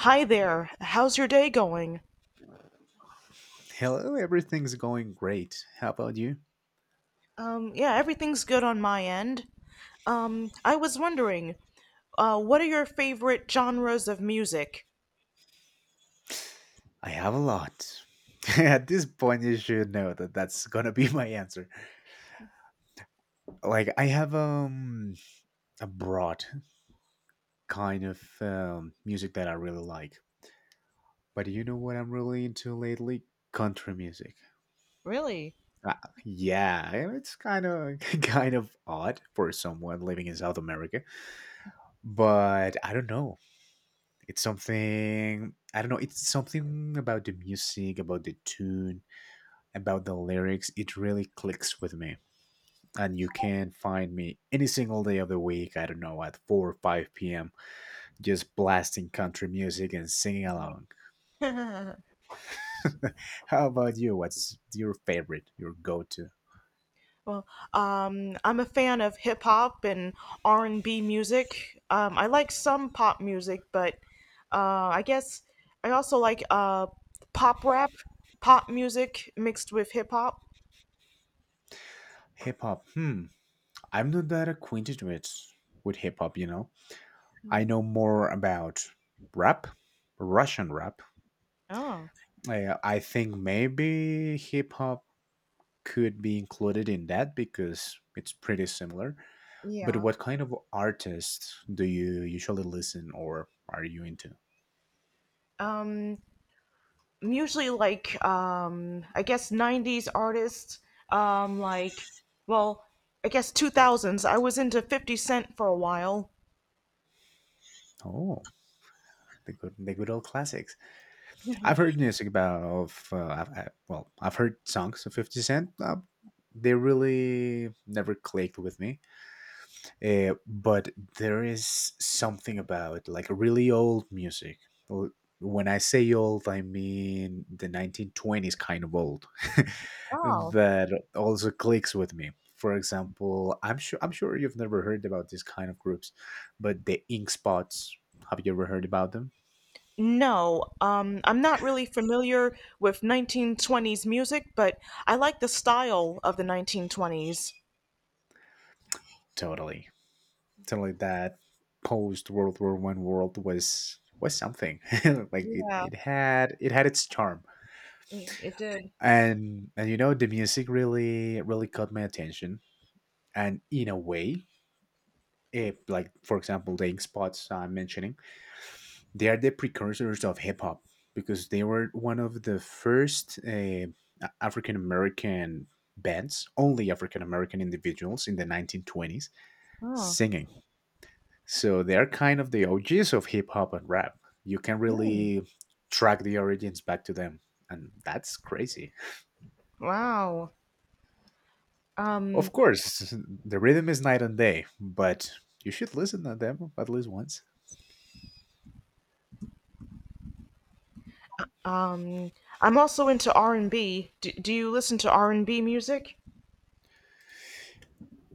Hi there. How's your day going? Hello, everything's going great. How about you? Yeah, everything's good on my end. I was wondering, what are your favorite genres of music? I have a lot. At this point, you should know that that's gonna be my answer. Like, I have a broad kind of music that I really like, but you know what I'm really into lately? Country music. Really? Uh, yeah, it's kind of kind of odd for someone living in South America, but I don't know. It's something I don't know. It's something about the music, about the tune about the lyrics, it really clicks with me. And you can find me any single day of the week, I don't know, at 4 or 5 p.m., just blasting country music and singing along. How about you? What's your favorite, your go to? Well, I'm a fan of hip hop and R&B music. I like some pop music, but I guess I also like pop rap, pop music mixed with hip hop. Hip hop. Hmm, I'm not that acquainted with hip hop, you know. I know more about rap, Russian rap. Oh, I think maybe hip hop could be included in that because it's pretty similar. But yeah. what kind of artists do you usually listen or are you into? Um, usually like I guess 90s artists like well I guess 2000s I was into 50 Cent for a while. Oh, the good old classics. I've heard music about, of, I've, I, well, I've heard songs of 50 Cent. They really never clicked with me. But there is something about like really old music. Or when I say old, I mean the 1920s kind of old. Oh. That also clicks with me. For example, I'm sure you've never heard about these kind of groups, but the Ink Spots. Have you ever heard about them? No, I'm not really familiar with 1920s music, but I like the style of the 1920s. Totally, totally. That post World War One world was something, like it, Yeah, it had it had its charm. it did. And you know the music really really caught my attention, and in a way it like for example the Ink Spots I'm mentioning, they are the precursors of hip-hop because they were one of the first African American bands, only African American individuals in the 1920s Oh. singing. So they're kind of the OGs of hip-hop and rap. You can Mm. really track the origins back to them, and that's crazy. Wow. Um Of course, the rhythm is night and day, but you should listen to them at least once. um I'm also into R&B. Do you listen to R&B music?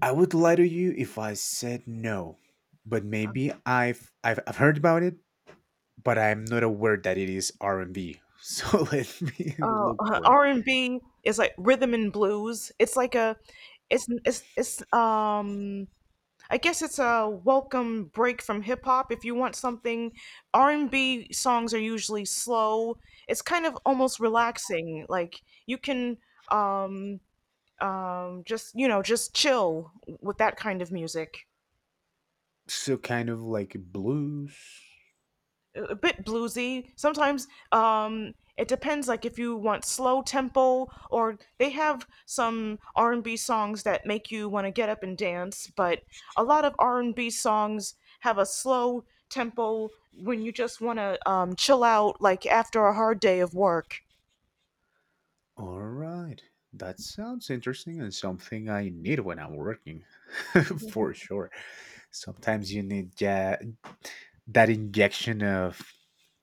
I would lie to you if I said no, but maybe I've heard about it, but I'm not aware that it is R and B. So let me look for it. R and B is like rhythm and blues. It's like it's it's. I guess it's a welcome break from hip hop. If you want something, R and B songs are usually slow. It's kind of almost relaxing. Like you can um just just chill with that kind of music. So kind of like blues. A bit bluesy. Sometimes it depends, like if you want slow tempo, or they have some R and B songs that make you want to get up and dance. But a lot of R and B songs have a slow tempo when you just want to chill out, like after a hard day of work. All right, that sounds interesting and something I need when I'm working, for sure. Sometimes you need that injection of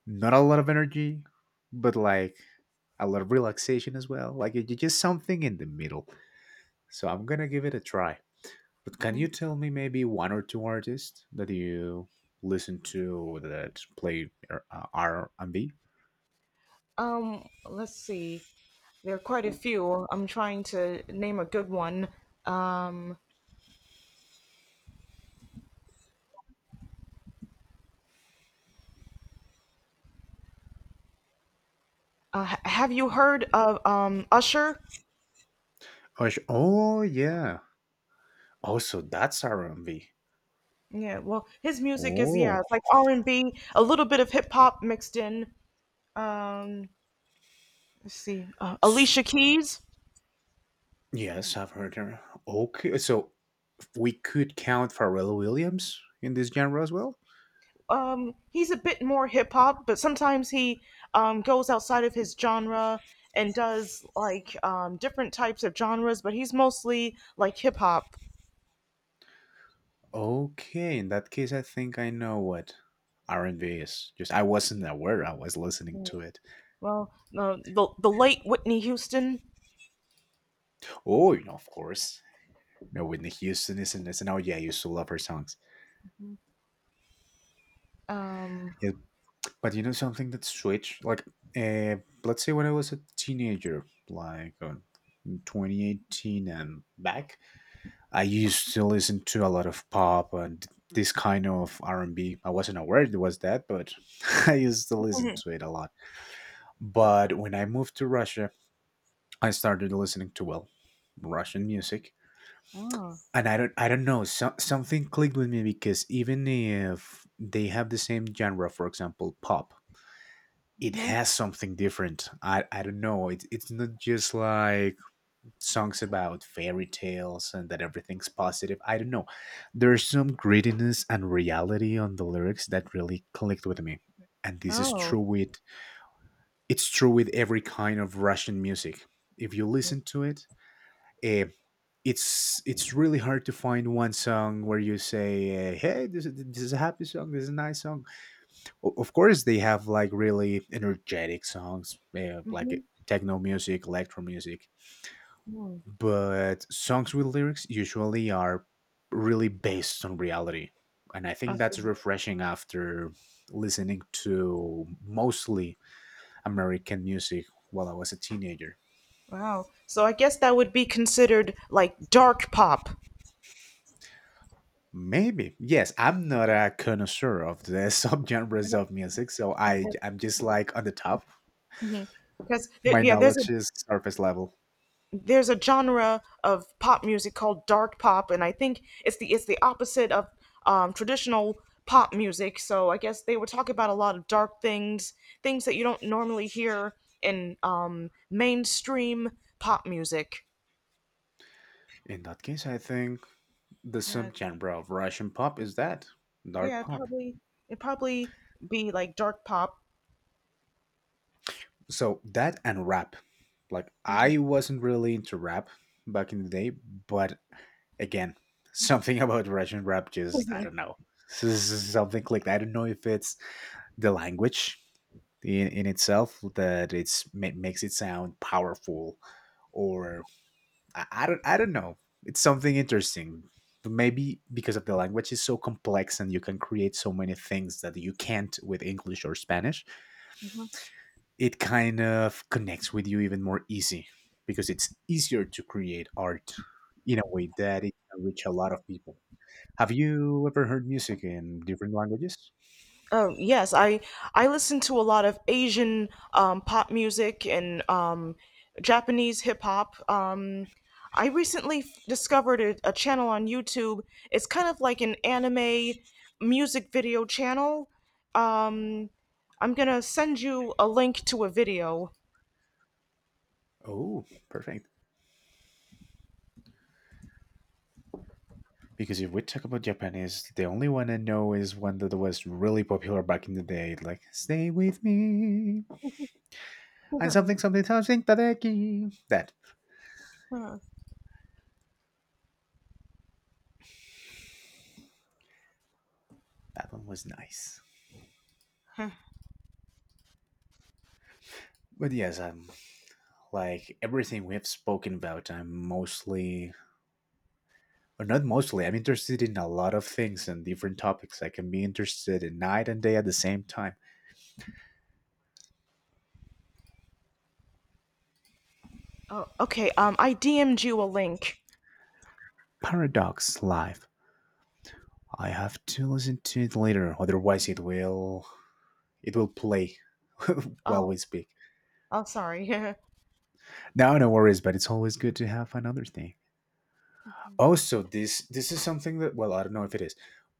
not a lot of energy, but like a lot of relaxation as well. Like just something in the middle. So I'm gonna give it a try. But can you tell me maybe one or two artists that you listen to that play R&B? Let's see. There are quite a few. I'm trying to name a good one. Um, have you heard of Usher? Oh, oh yeah. Also, that's R&B. Yeah, well, his music is yeah, Oh, it's like R and B, a little bit of hip hop mixed in. Um, let's see, s- Alicia Keys. yes, I've heard her. Okay, so we could count Pharrell Williams in this genre as well. He's a bit more hip hop, but sometimes he goes outside of his genre and does like different types of genres. But he's mostly like hip hop. Okay, in that case, I think I know what R&B is. Just I wasn't aware I was listening to it. Well, the late Whitney Houston. Oh, you know, of course, you know, Whitney Houston is in this, and oh yeah, I used to love her songs. Um, Yeah, but you know something that switched, like, uh, let's say when I was a teenager, like in 2018 and back, I used to listen to a lot of pop and this kind of R&B. I wasn't aware it was that, but I used to listen to it a lot. But when I moved to Russia, I started listening to well, Russian music, oh, and I don't know so, something clicked with me because even if they have the same genre, for example, pop, it hmm, has something different. I don't know. It's not just like songs about fairy tales and that everything's positive. I don't know. There's some grittiness and reality on the lyrics that really clicked with me. And this is oh, true with it's true with every kind of Russian music. If you listen to it, eh, it's really hard to find one song where you say, "Hey, this is a happy song. This is a nice song." Of course, they have like really energetic songs, like hmm, techno music, electro music, but songs with lyrics usually are really based on reality, and I I think see. that's refreshing after listening to mostly American music while I was a teenager. Wow. So I guess that would be considered like dark pop. Maybe. Yes, I'm not a connoisseur of the subgenres of music, so I'm just like on the top. Because there, My yeah, there's a knowledge is surface level. there's a genre of pop music called dark pop, and I think it's the opposite of traditional pop music. So I guess they were talking about a lot of dark things, things that you don't normally hear in mainstream pop music. In that case, I think the Yeah, subgenre of Russian pop is that dark yeah, it pop. probably it probably be like dark pop. So that and rap. Like I wasn't really into rap back in the day, but again, something about Russian rap just I don't know. Something clicked. I don't know if it's the language in itself that it's makes it sound powerful or I don't know. It's something interesting. But maybe because of the language is so complex and you can create so many things that you can't with English or Spanish, it kind of connects with you even more easy because it's easier to create art in a way that it can reach a lot of people. Have you ever heard music in different languages? Oh yes, I listen to a lot of Asian pop music and Japanese hip hop. I recently discovered a channel on YouTube. It's kind of like an anime music video channel. Um, I'm gonna send you a link to a video. Oh, perfect. Because if we talk about Japanese, the only one I know is one that was really popular back in the day, like "Stay with me" and something something something tadeki. That Huh. that one was nice. Huh. But yes, I'm like everything we have spoken about. I'm mostly, or not mostly. I'm interested in a lot of things and different topics. I can be interested in night and day at the same time. Oh, okay. I DM'd you a link. Paradox live. I have to listen to it later, otherwise it will play while Oh, we speak. oh, sorry. No, no worries, but it's always good to have another thing. Also, this is something that well, I don't know if it is,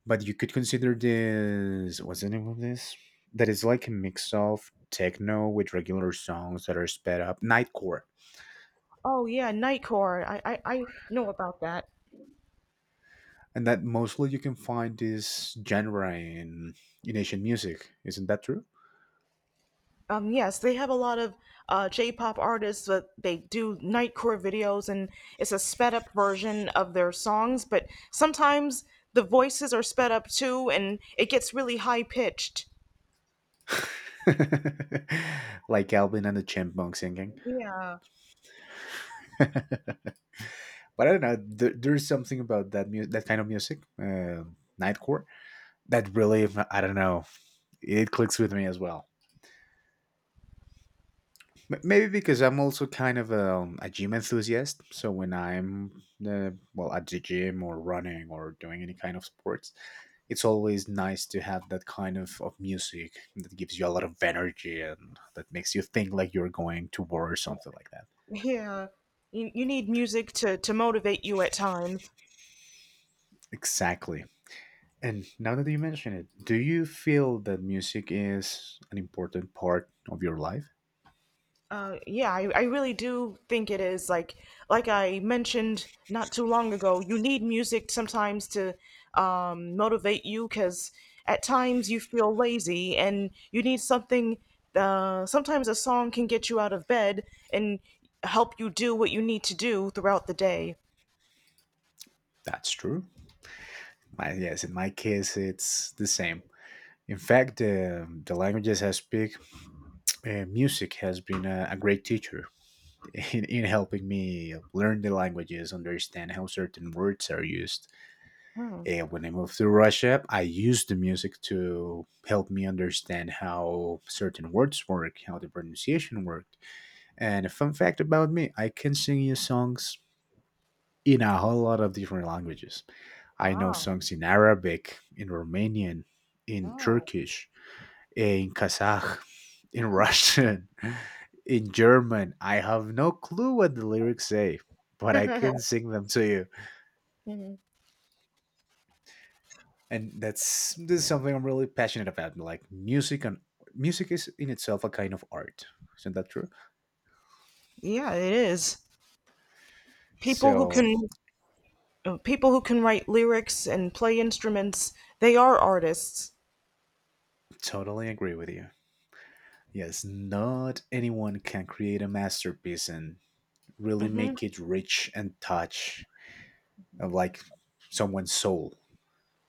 but you could consider this what's the name of this? That is like a mix of techno with regular songs that are sped up, nightcore. Oh yeah, Nightcore. I know about that. And that mostly you can find this genre in Asian music. Isn't that true? Yes, they have a lot of J-pop artists, but they do nightcore videos, and it's a sped up version of their songs. But sometimes the voices are sped up too, and it gets really high pitched. Like Alvin and the Chipmunks singing. Yeah, But I don't know. There's something about that that kind of music, nightcore, that really I don't know, it clicks with me as well. Maybe because I'm also kind of a gym enthusiast, so when I'm well at the gym or running or doing any kind of sports, it's always nice to have that kind of music that gives you a lot of energy and that makes you think like you're going to war or something like that. yeah. You need music to motivate you at times. Exactly, and now that you mention it, do you feel that music is an important part of your life? Yeah, I really do think it is like I mentioned not too long ago. You need music sometimes to motivate you because at times you feel lazy and you need something. Sometimes a song can get you out of bed and help you do what you need to do throughout the day. That's true. My, yes, in my case, it's the same. In fact, the languages I speak, music has been a great teacher in helping me learn the languages, understand how certain words are used. When I moved to Russia, I used the music to help me understand how certain words work, how the pronunciation worked. And a fun fact about me, I can sing you songs in a whole lot of different languages. I know Wow. songs in Arabic, in Romanian, in Oh. Turkish, in Kazakh, in Russian, in German. I have no clue what the lyrics say, but I can sing them to you. And that's this is something I'm really passionate about. Like music and music is in itself a kind of art. Isn't that true? Yeah, it is. People who So can people who can write lyrics and play instruments, they are artists. totally agree with you. Yes, not anyone can create a masterpiece and really Mm-hmm. make it rich and touch of like someone's soul.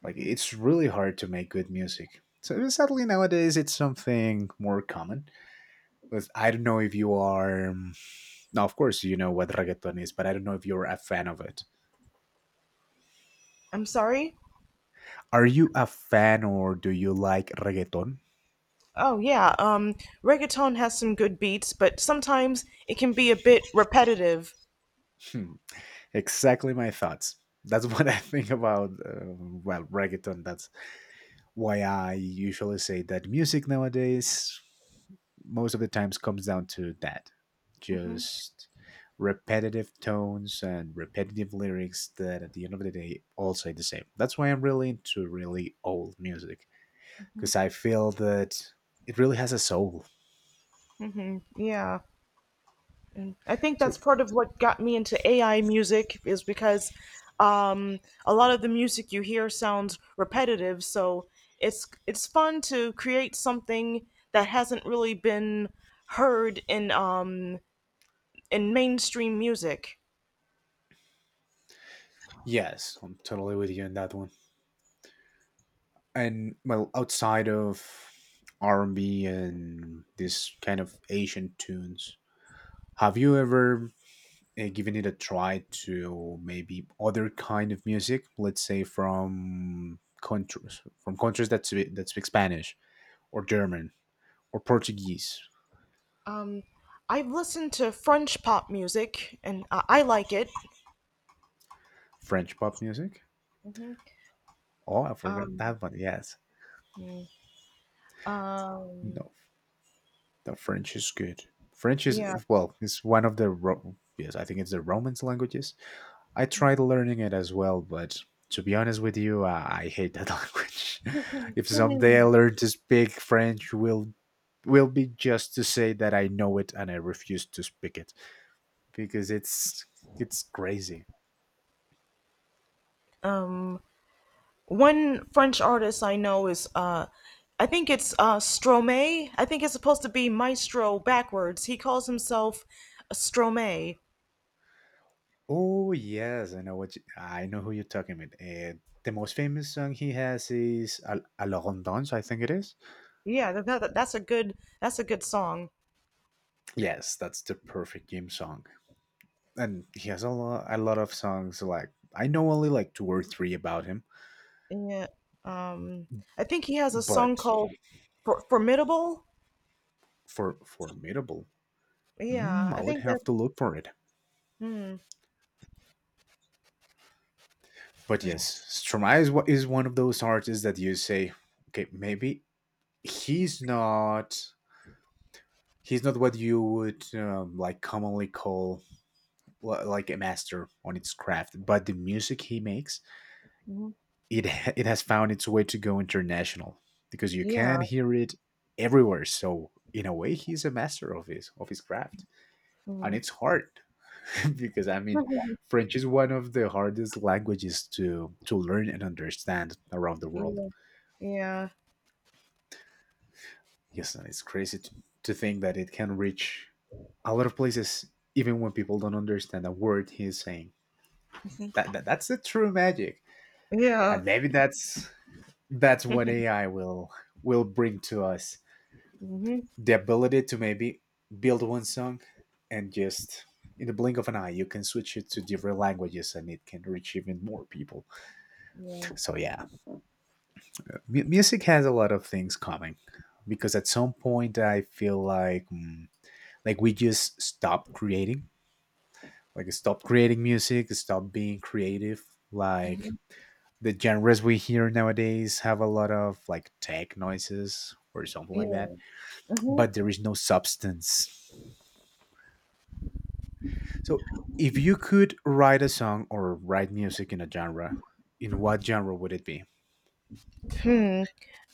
Like it's really hard to make good music. So sadly nowadays it's something more common. I don't know if you are now of course you know what reggaeton is, but I don't know if you're a fan of it. I'm sorry. Are you a fan or do you like reggaeton? Oh yeah, reggaeton has some good beats, but sometimes it can be a bit repetitive. Hmm. Exactly my thoughts. That's what I think about well reggaeton. That's why I usually say that music nowadays most of the times comes down to that. Just repetitive tones and repetitive lyrics that at the end of the day all say the same. That's why I'm really into really old music because I feel that it really has a soul. Yeah, and I think that's So, part of what got me into AI music is because um, a lot of the music you hear sounds repetitive, so it's fun to create something that hasn't really been heard in mainstream music. yes, I'm totally with you on that one. And well, outside of R&B and B and this kind of Asian tunes, have you ever giving it a try to maybe other kind of music, let's say from countries that that speak Spanish or German or Portuguese, Um, I've listened to French pop music, and I like it. French pop music. Oh, I forgot Um, that one. Yes, yeah. Um, no, the French is good. French is, yeah. well, it's one of the yes, I think it's the Romance languages. I tried learning it as well, but to be honest with you, I hate that language. If someday I learn to speak French, will be just to say that I know it and I refuse to speak it because it's crazy. Um, one French artist I know is I think it's Stromae. I think it's supposed to be maestro backwards. He calls himself Stromae. Oh yes, I know I know who you're talking about. The most famous song he has is "Alors on Danse," I think it is. Yeah, that's a good song. Yes, that's the perfect gym song. And he has a lot of songs, like I know only like two or three about him, Yeah. Um, I think he has a song but called Formidable. formidable, Yeah, mm, I I would think have that's to look for it. mm, But yes, Stromae is what is one of those artists that you say, okay, maybe he's not he's not what you would like commonly call, like, a master on its craft, but the music he makes, mhm, it it has found its way to go international because you can yeah. hear it everywhere. So in a way, he's a master of his craft, and Mm. it's hard because, I mean, French is one of the hardest languages to learn and understand around the world. yeah. Yeah. Yes, and it's crazy to think that it can reach a lot of places even when people don't understand a word he's saying. That's the true magic, Yeah. and maybe that's what AI will bring to us: Hmm, the ability to maybe build one song and just, in the blink of an eye, you can switch it to different languages and it can reach even more people. yeah. So yeah, music has a lot of things coming, because at some point I feel like, mm, like we just stopped creating, like stop creating music, stop being creative, like, the genres we hear nowadays have a lot of like tech noises or something like that, but there is no substance. So, if you could write a song or write music in a genre, in what genre would it be? Hmm.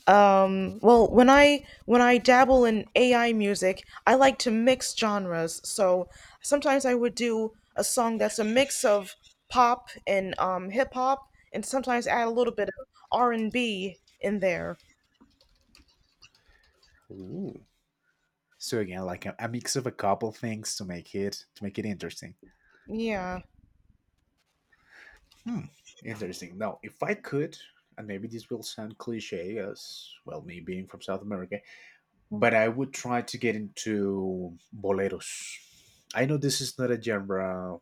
When I dabble in AI music, I like to mix genres. So sometimes I would do a song that's a mix of pop and hip hop, and sometimes add a little bit of R and B in there. Ooh. So again, like a mix of a couple things to make it interesting. Yeah. Hmm, interesting. Now, if I could, and maybe this will sound cliche as well, me being from South America, but I would try to get into boleros. I know this is not a genre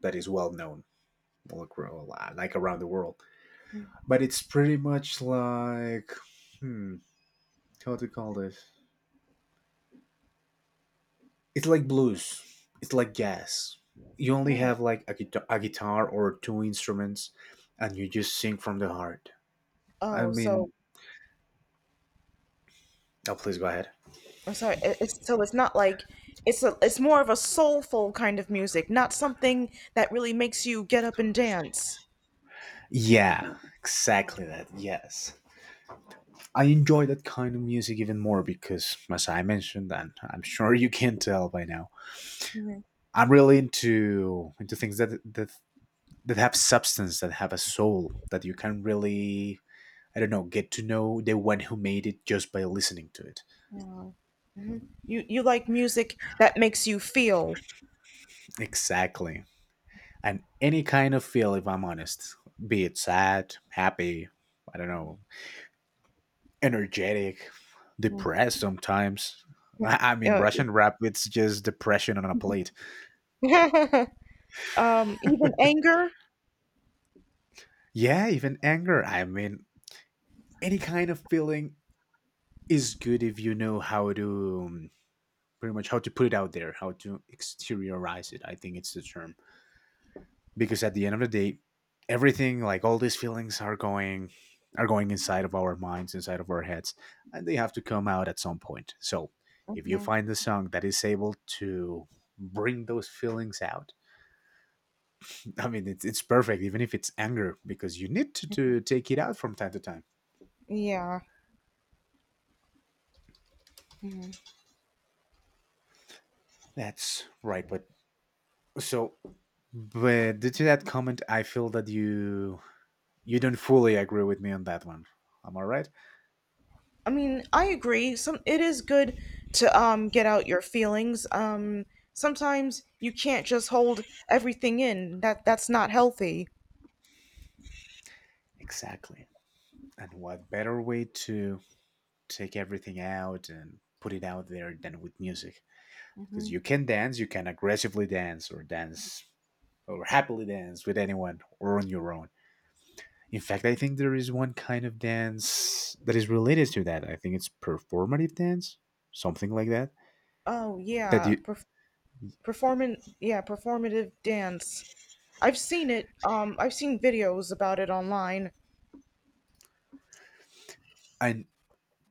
that is well known, like, like around the world, but it's pretty much like, hmm, how to call this? It's like blues. It's like jazz. You only Oh, have like a, a guitar or two instruments, and you just sing from the heart. I oh, so mean, oh, please go ahead. I'm sorry. It's so it's not like it's more of a soulful kind of music, not something that really makes you get up and dance. Yeah, exactly that. Yes. I enjoy that kind of music even more because, as I mentioned, and I'm sure you can tell by now, I'm really into things that have substance, that have a soul, that you can really, I don't know, get to know the one who made it just by listening to it. You like music that makes you feel. Exactly. And any kind of feel, if I'm honest, be it sad, happy, I don't know, energetic, depressed sometimes. I mean, Russian rap, it's just depression on a plate. Even anger. Yeah, even anger. I mean, any kind of feeling is good if you know how to, pretty much, how to put it out there, how to exteriorize it. I think it's the term, because at the end of the day, everything, like, all these feelings are going inside of our minds, inside of our heads, and they have to come out at some point. So if you find a song that is able to bring those feelings out, I mean, it's perfect, even if it's anger, because you need to take it out from time to time. Yeah. That's right. But, so, but due to that comment I feel that you don't fully agree with me on that one. Am I right? I mean, I agree. Some it is good to get out your feelings. Sometimes you can't just hold everything in. That's not healthy. Exactly. And what better way to take everything out and put it out there than with music, because you can dance, you can aggressively dance, or dance, or happily dance with anyone or on your own. In fact, I think there is one kind of dance that is related to that. I think it's performative dance, something like that, Oh that yeah, you, performant. Yeah, performative dance. I've seen it. I've seen videos about it online. I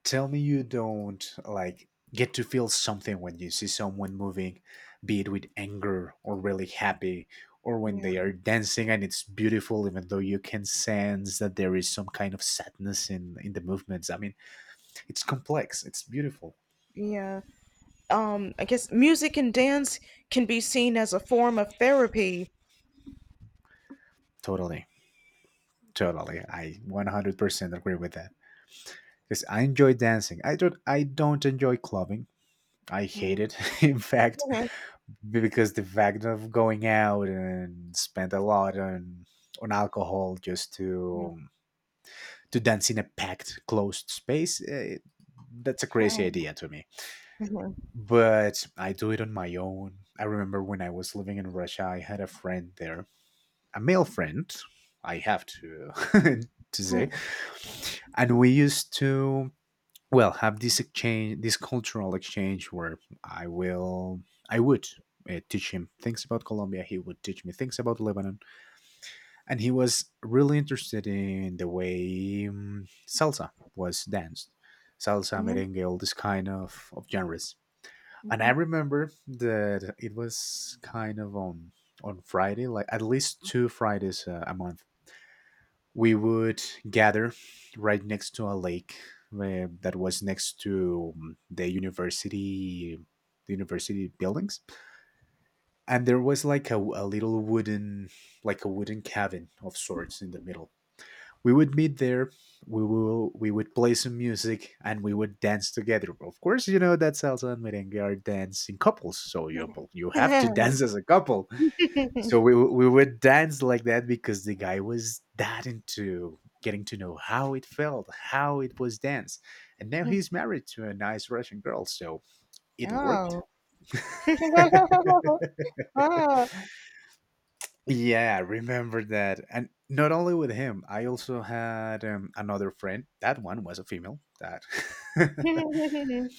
tell me you don't, like, get to feel something when you see someone moving, be it with anger or really happy, or when Yeah, they are dancing and it's beautiful, even though you can sense that there is some kind of sadness in the movements. I mean, it's complex. It's beautiful. yeah. I guess music and dance can be seen as a form of therapy. Totally, totally. I 100% agree with that because I enjoy dancing. I don't. I don't enjoy clubbing. I hate it. In fact, because the fact of going out and spend a lot on alcohol just to dance in a packed closed space, eh, that's a crazy idea to me. But I do it on my own. I remember when I was living in Russia, I had a friend there, a male friend, I have to to say, and we used to, well, have this exchange, this cultural exchange where i will I would, teach him things about Colombia, he would teach me things about Lebanon. And he was really interested in the way, salsa was danced. Salsa, merengue, all this kind of genres. And I remember that it was kind of on Friday, like at least two Fridays a month, we would gather right next to a lake, that was next to, the university, the university buildings. And there was like a little wooden, like a wooden cabin of sorts in the middle. We would meet there. We would play some music and we would dance together. Of course, you know that salsa and merengue are dance in couples, so you have to dance as a couple. So we would dance like that because the guy was that into getting to know how it felt, how it was danced. And now he's married to a nice Russian girl, so it worked. oh, wow. Yeah, remember that, and not only with him, I also had, another friend. That one was a female. That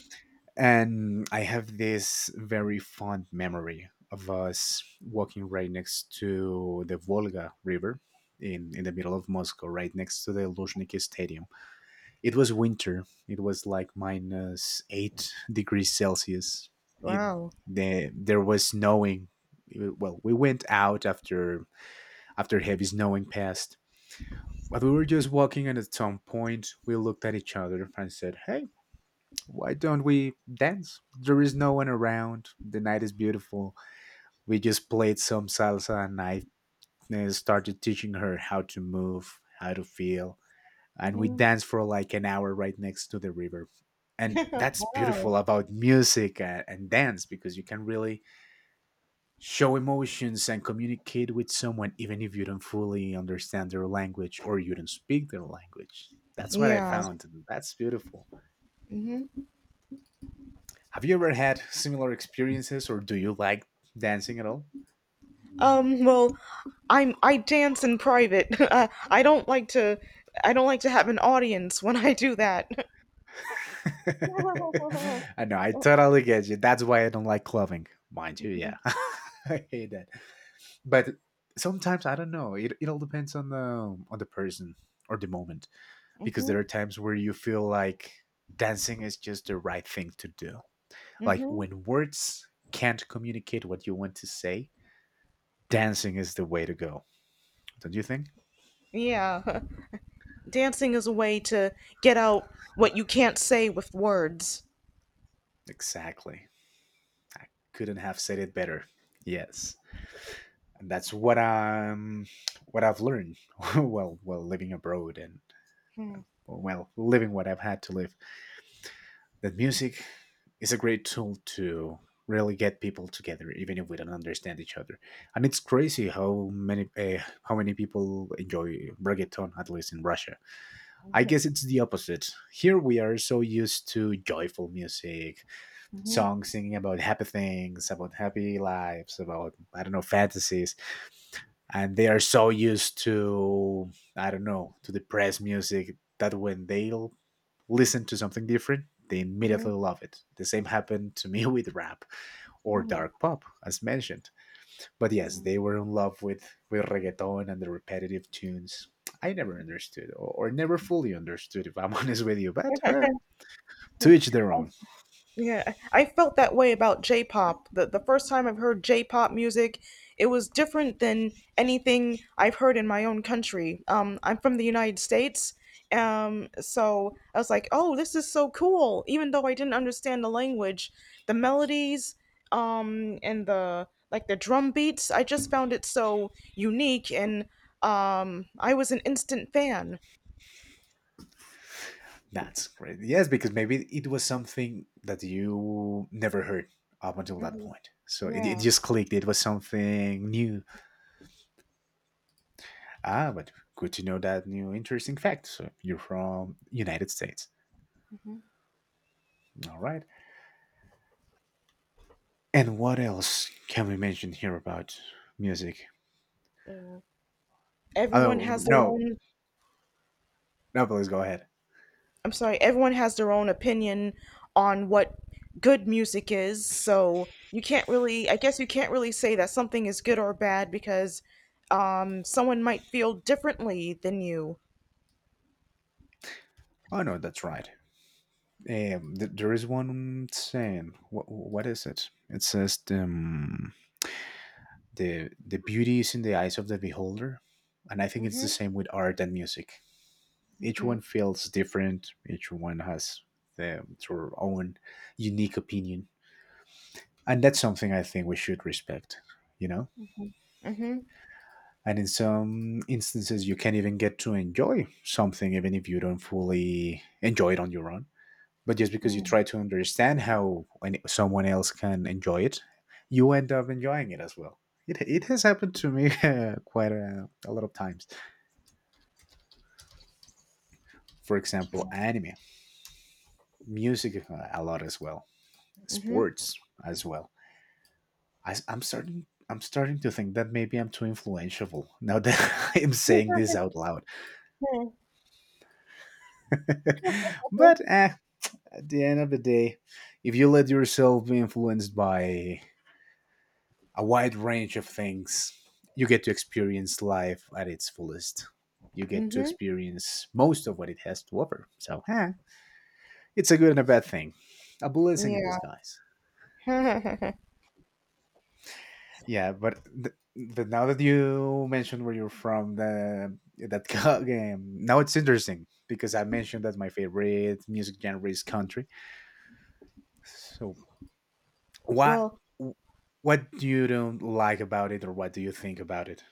and I have this very fond memory of us walking right next to the Volga River in the middle of Moscow, right next to the Luzhniki Stadium. It was winter. It was like minus 8 degrees Celsius. It Wow. There was snowing. Well, we went out after, after heavy snowing passed, but we were just walking, and at some point we looked at each other and said, "Hey, why don't we dance? There is no one around. The night is beautiful." We just played some salsa and I, started teaching her how to move, how to feel. And we Hmm. danced for like an hour right next to the river. And that's Wow. beautiful about music and dance, because you can really show emotions and communicate with someone even if you don't fully understand their language or you don't speak their language. That's what I Yeah. found. And that's beautiful. Have you ever had similar experiences, or do you like dancing at all? Um, well, I'm I dance in private. I don't like to have an audience when I do that. Mhm. I know, I totally get you. That's why I don't like clubbing, mind you. Yeah, I hate that. But sometimes I don't know. It all depends on the, on the person or the moment, because there Mhm. are times where you feel like dancing is just the right thing to do. Like Mhm. when words can't communicate what you want to say, dancing is the way to go. Don't you think? Yeah. Dancing is a way to get out what you can't say with words. Exactly. I couldn't have said it better. Yes. And that's what I've learned while living abroad, and, well, living what I've had to live. That music is a great tool to really get people together, even if we don't understand each other. And it's crazy how many, how many people enjoy reggaeton, at least in Russia. I guess it's the opposite. Here we are so used to joyful music, Mhm. songs singing about happy things, about happy lives, about, I don't know, fantasies, and they are so used to, I don't know, to depressed music, that when they listen to something different, they Hmm. immediately love it. The same happened to me with rap, or Hmm. dark pop, as mentioned. But yes, they were in love with reggaeton and the repetitive tunes. I never understood, or never fully understood, if I'm honest with you. But to each their own. Yeah, I felt that way about J-pop. The first time I've heard J-pop music, it was different than anything I've heard in my own country. I'm from the United States, so I was like, "Oh, this is so cool!" Even though I didn't understand the language, the melodies, and the like the drum beats, I just found it so unique, and I was an instant fan. That's great. Yes, because maybe it was something that you never heard up until that Mhm. point. So it Yeah. just clicked. It was something new. Ah, but good to know that new interesting fact. So you're from United States. All right. And what else can we mention here about music? Uh, Everyone Oh, has their no. own No, please go ahead. I'm sorry, everyone has their own opinion on what good music is. So you can't really, I guess you can't really say that something is good or bad because someone might feel differently than you. Oh, no, that's right. There is one saying. What is it? It says, the beauty is in the eyes of the beholder, and I think it's the Mhm. same with art and music. Each Mhm. one feels different, each one has their own unique opinion, and that's something I think we should respect. you know Mhm. and in some instances you can even get to enjoy something even if you don't fully enjoy it on your own, but just because you try to understand how someone else can enjoy it, you end up enjoying it as well. It has happened to me quite a lot of times. For example, anime, music a lot as well, Mhm. sports as well. I, I'm starting. I'm starting to think that maybe I'm too influential now that I'm saying this out loud. Mhm. But at the end of the day, if you let yourself be influenced by a wide range of things, you get to experience life at its fullest. You get to Mhm. experience most of what it has to offer. So, it's a good and a bad thing, a blessing in disguise. Yeah. Yeah, but now that you mentioned where you're from, the that co- game now it's interesting because I mentioned that my favorite music genre is country. So what Well, what do you don't like about it, or what do you think about it?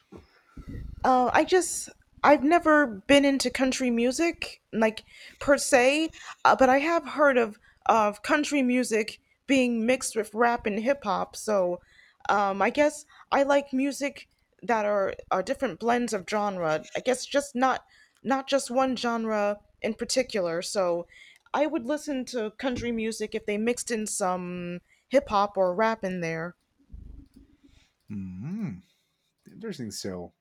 Uh, I just I've never been into country music like per se, but I have heard of country music being mixed with rap and hip hop. So I guess I like music that are different blends of genre. I guess just not not just one genre in particular. So I would listen to country music if they mixed in some hip hop or rap in there. Mm, interesting. So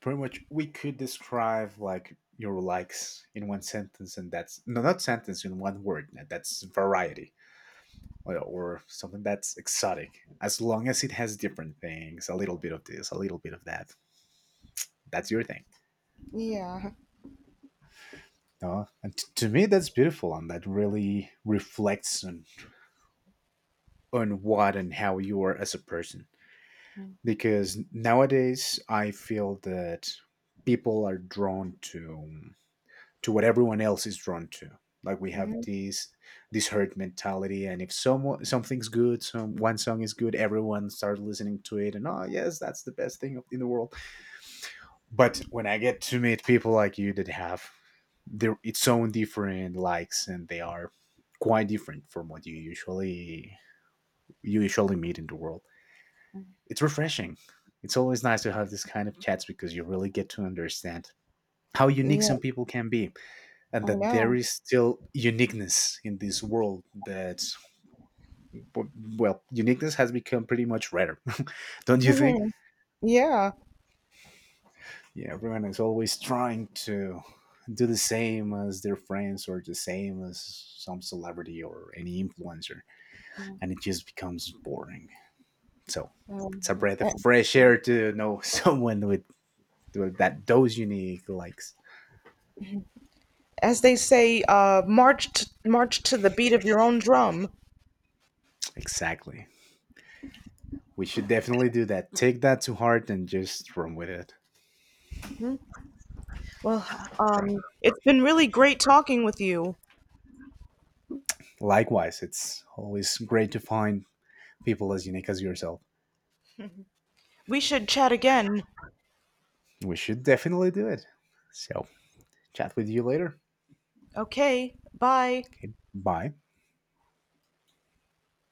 pretty much we could describe like your likes in one sentence, and that's no, not sentence, in one word. That's variety. Or something that's exotic. As long as it has different things, a little bit of this, a little bit of that. That's your thing. Yeah. No? And to me, that's beautiful, and that really reflects on what and how you are as a person. Because nowadays, I feel that people are drawn to what everyone else is drawn to. Like we have Hmm. This herd mentality, and if someone something's good, some one song is good, everyone starts listening to it, and oh yes, that's the best thing in the world. But when I get to meet people like you that have their its own different likes and they are quite different from what you usually meet in the world, it's refreshing. It's always nice to have this kind of chats because you really get to understand how unique Yeah, some people can be, and I that there know. is still uniqueness in this world that's, well, uniqueness has become pretty much rare. Don't you think? Yeah. Yeah, everyone is always trying to do the same as their friends or the same as some celebrity or any influencer, and it just becomes boring. So it's a breath of fresh air to know someone with that those unique likes. As they say, march to the beat of your own drum. Exactly. We should definitely do that. Take that to heart and just run with it. Well, Right. um, it's been really great talking with you. Likewise, it's always great to find people as unique as yourself. We should chat again. We should definitely do it. So, chat with you later. Okay, bye. Okay. Bye.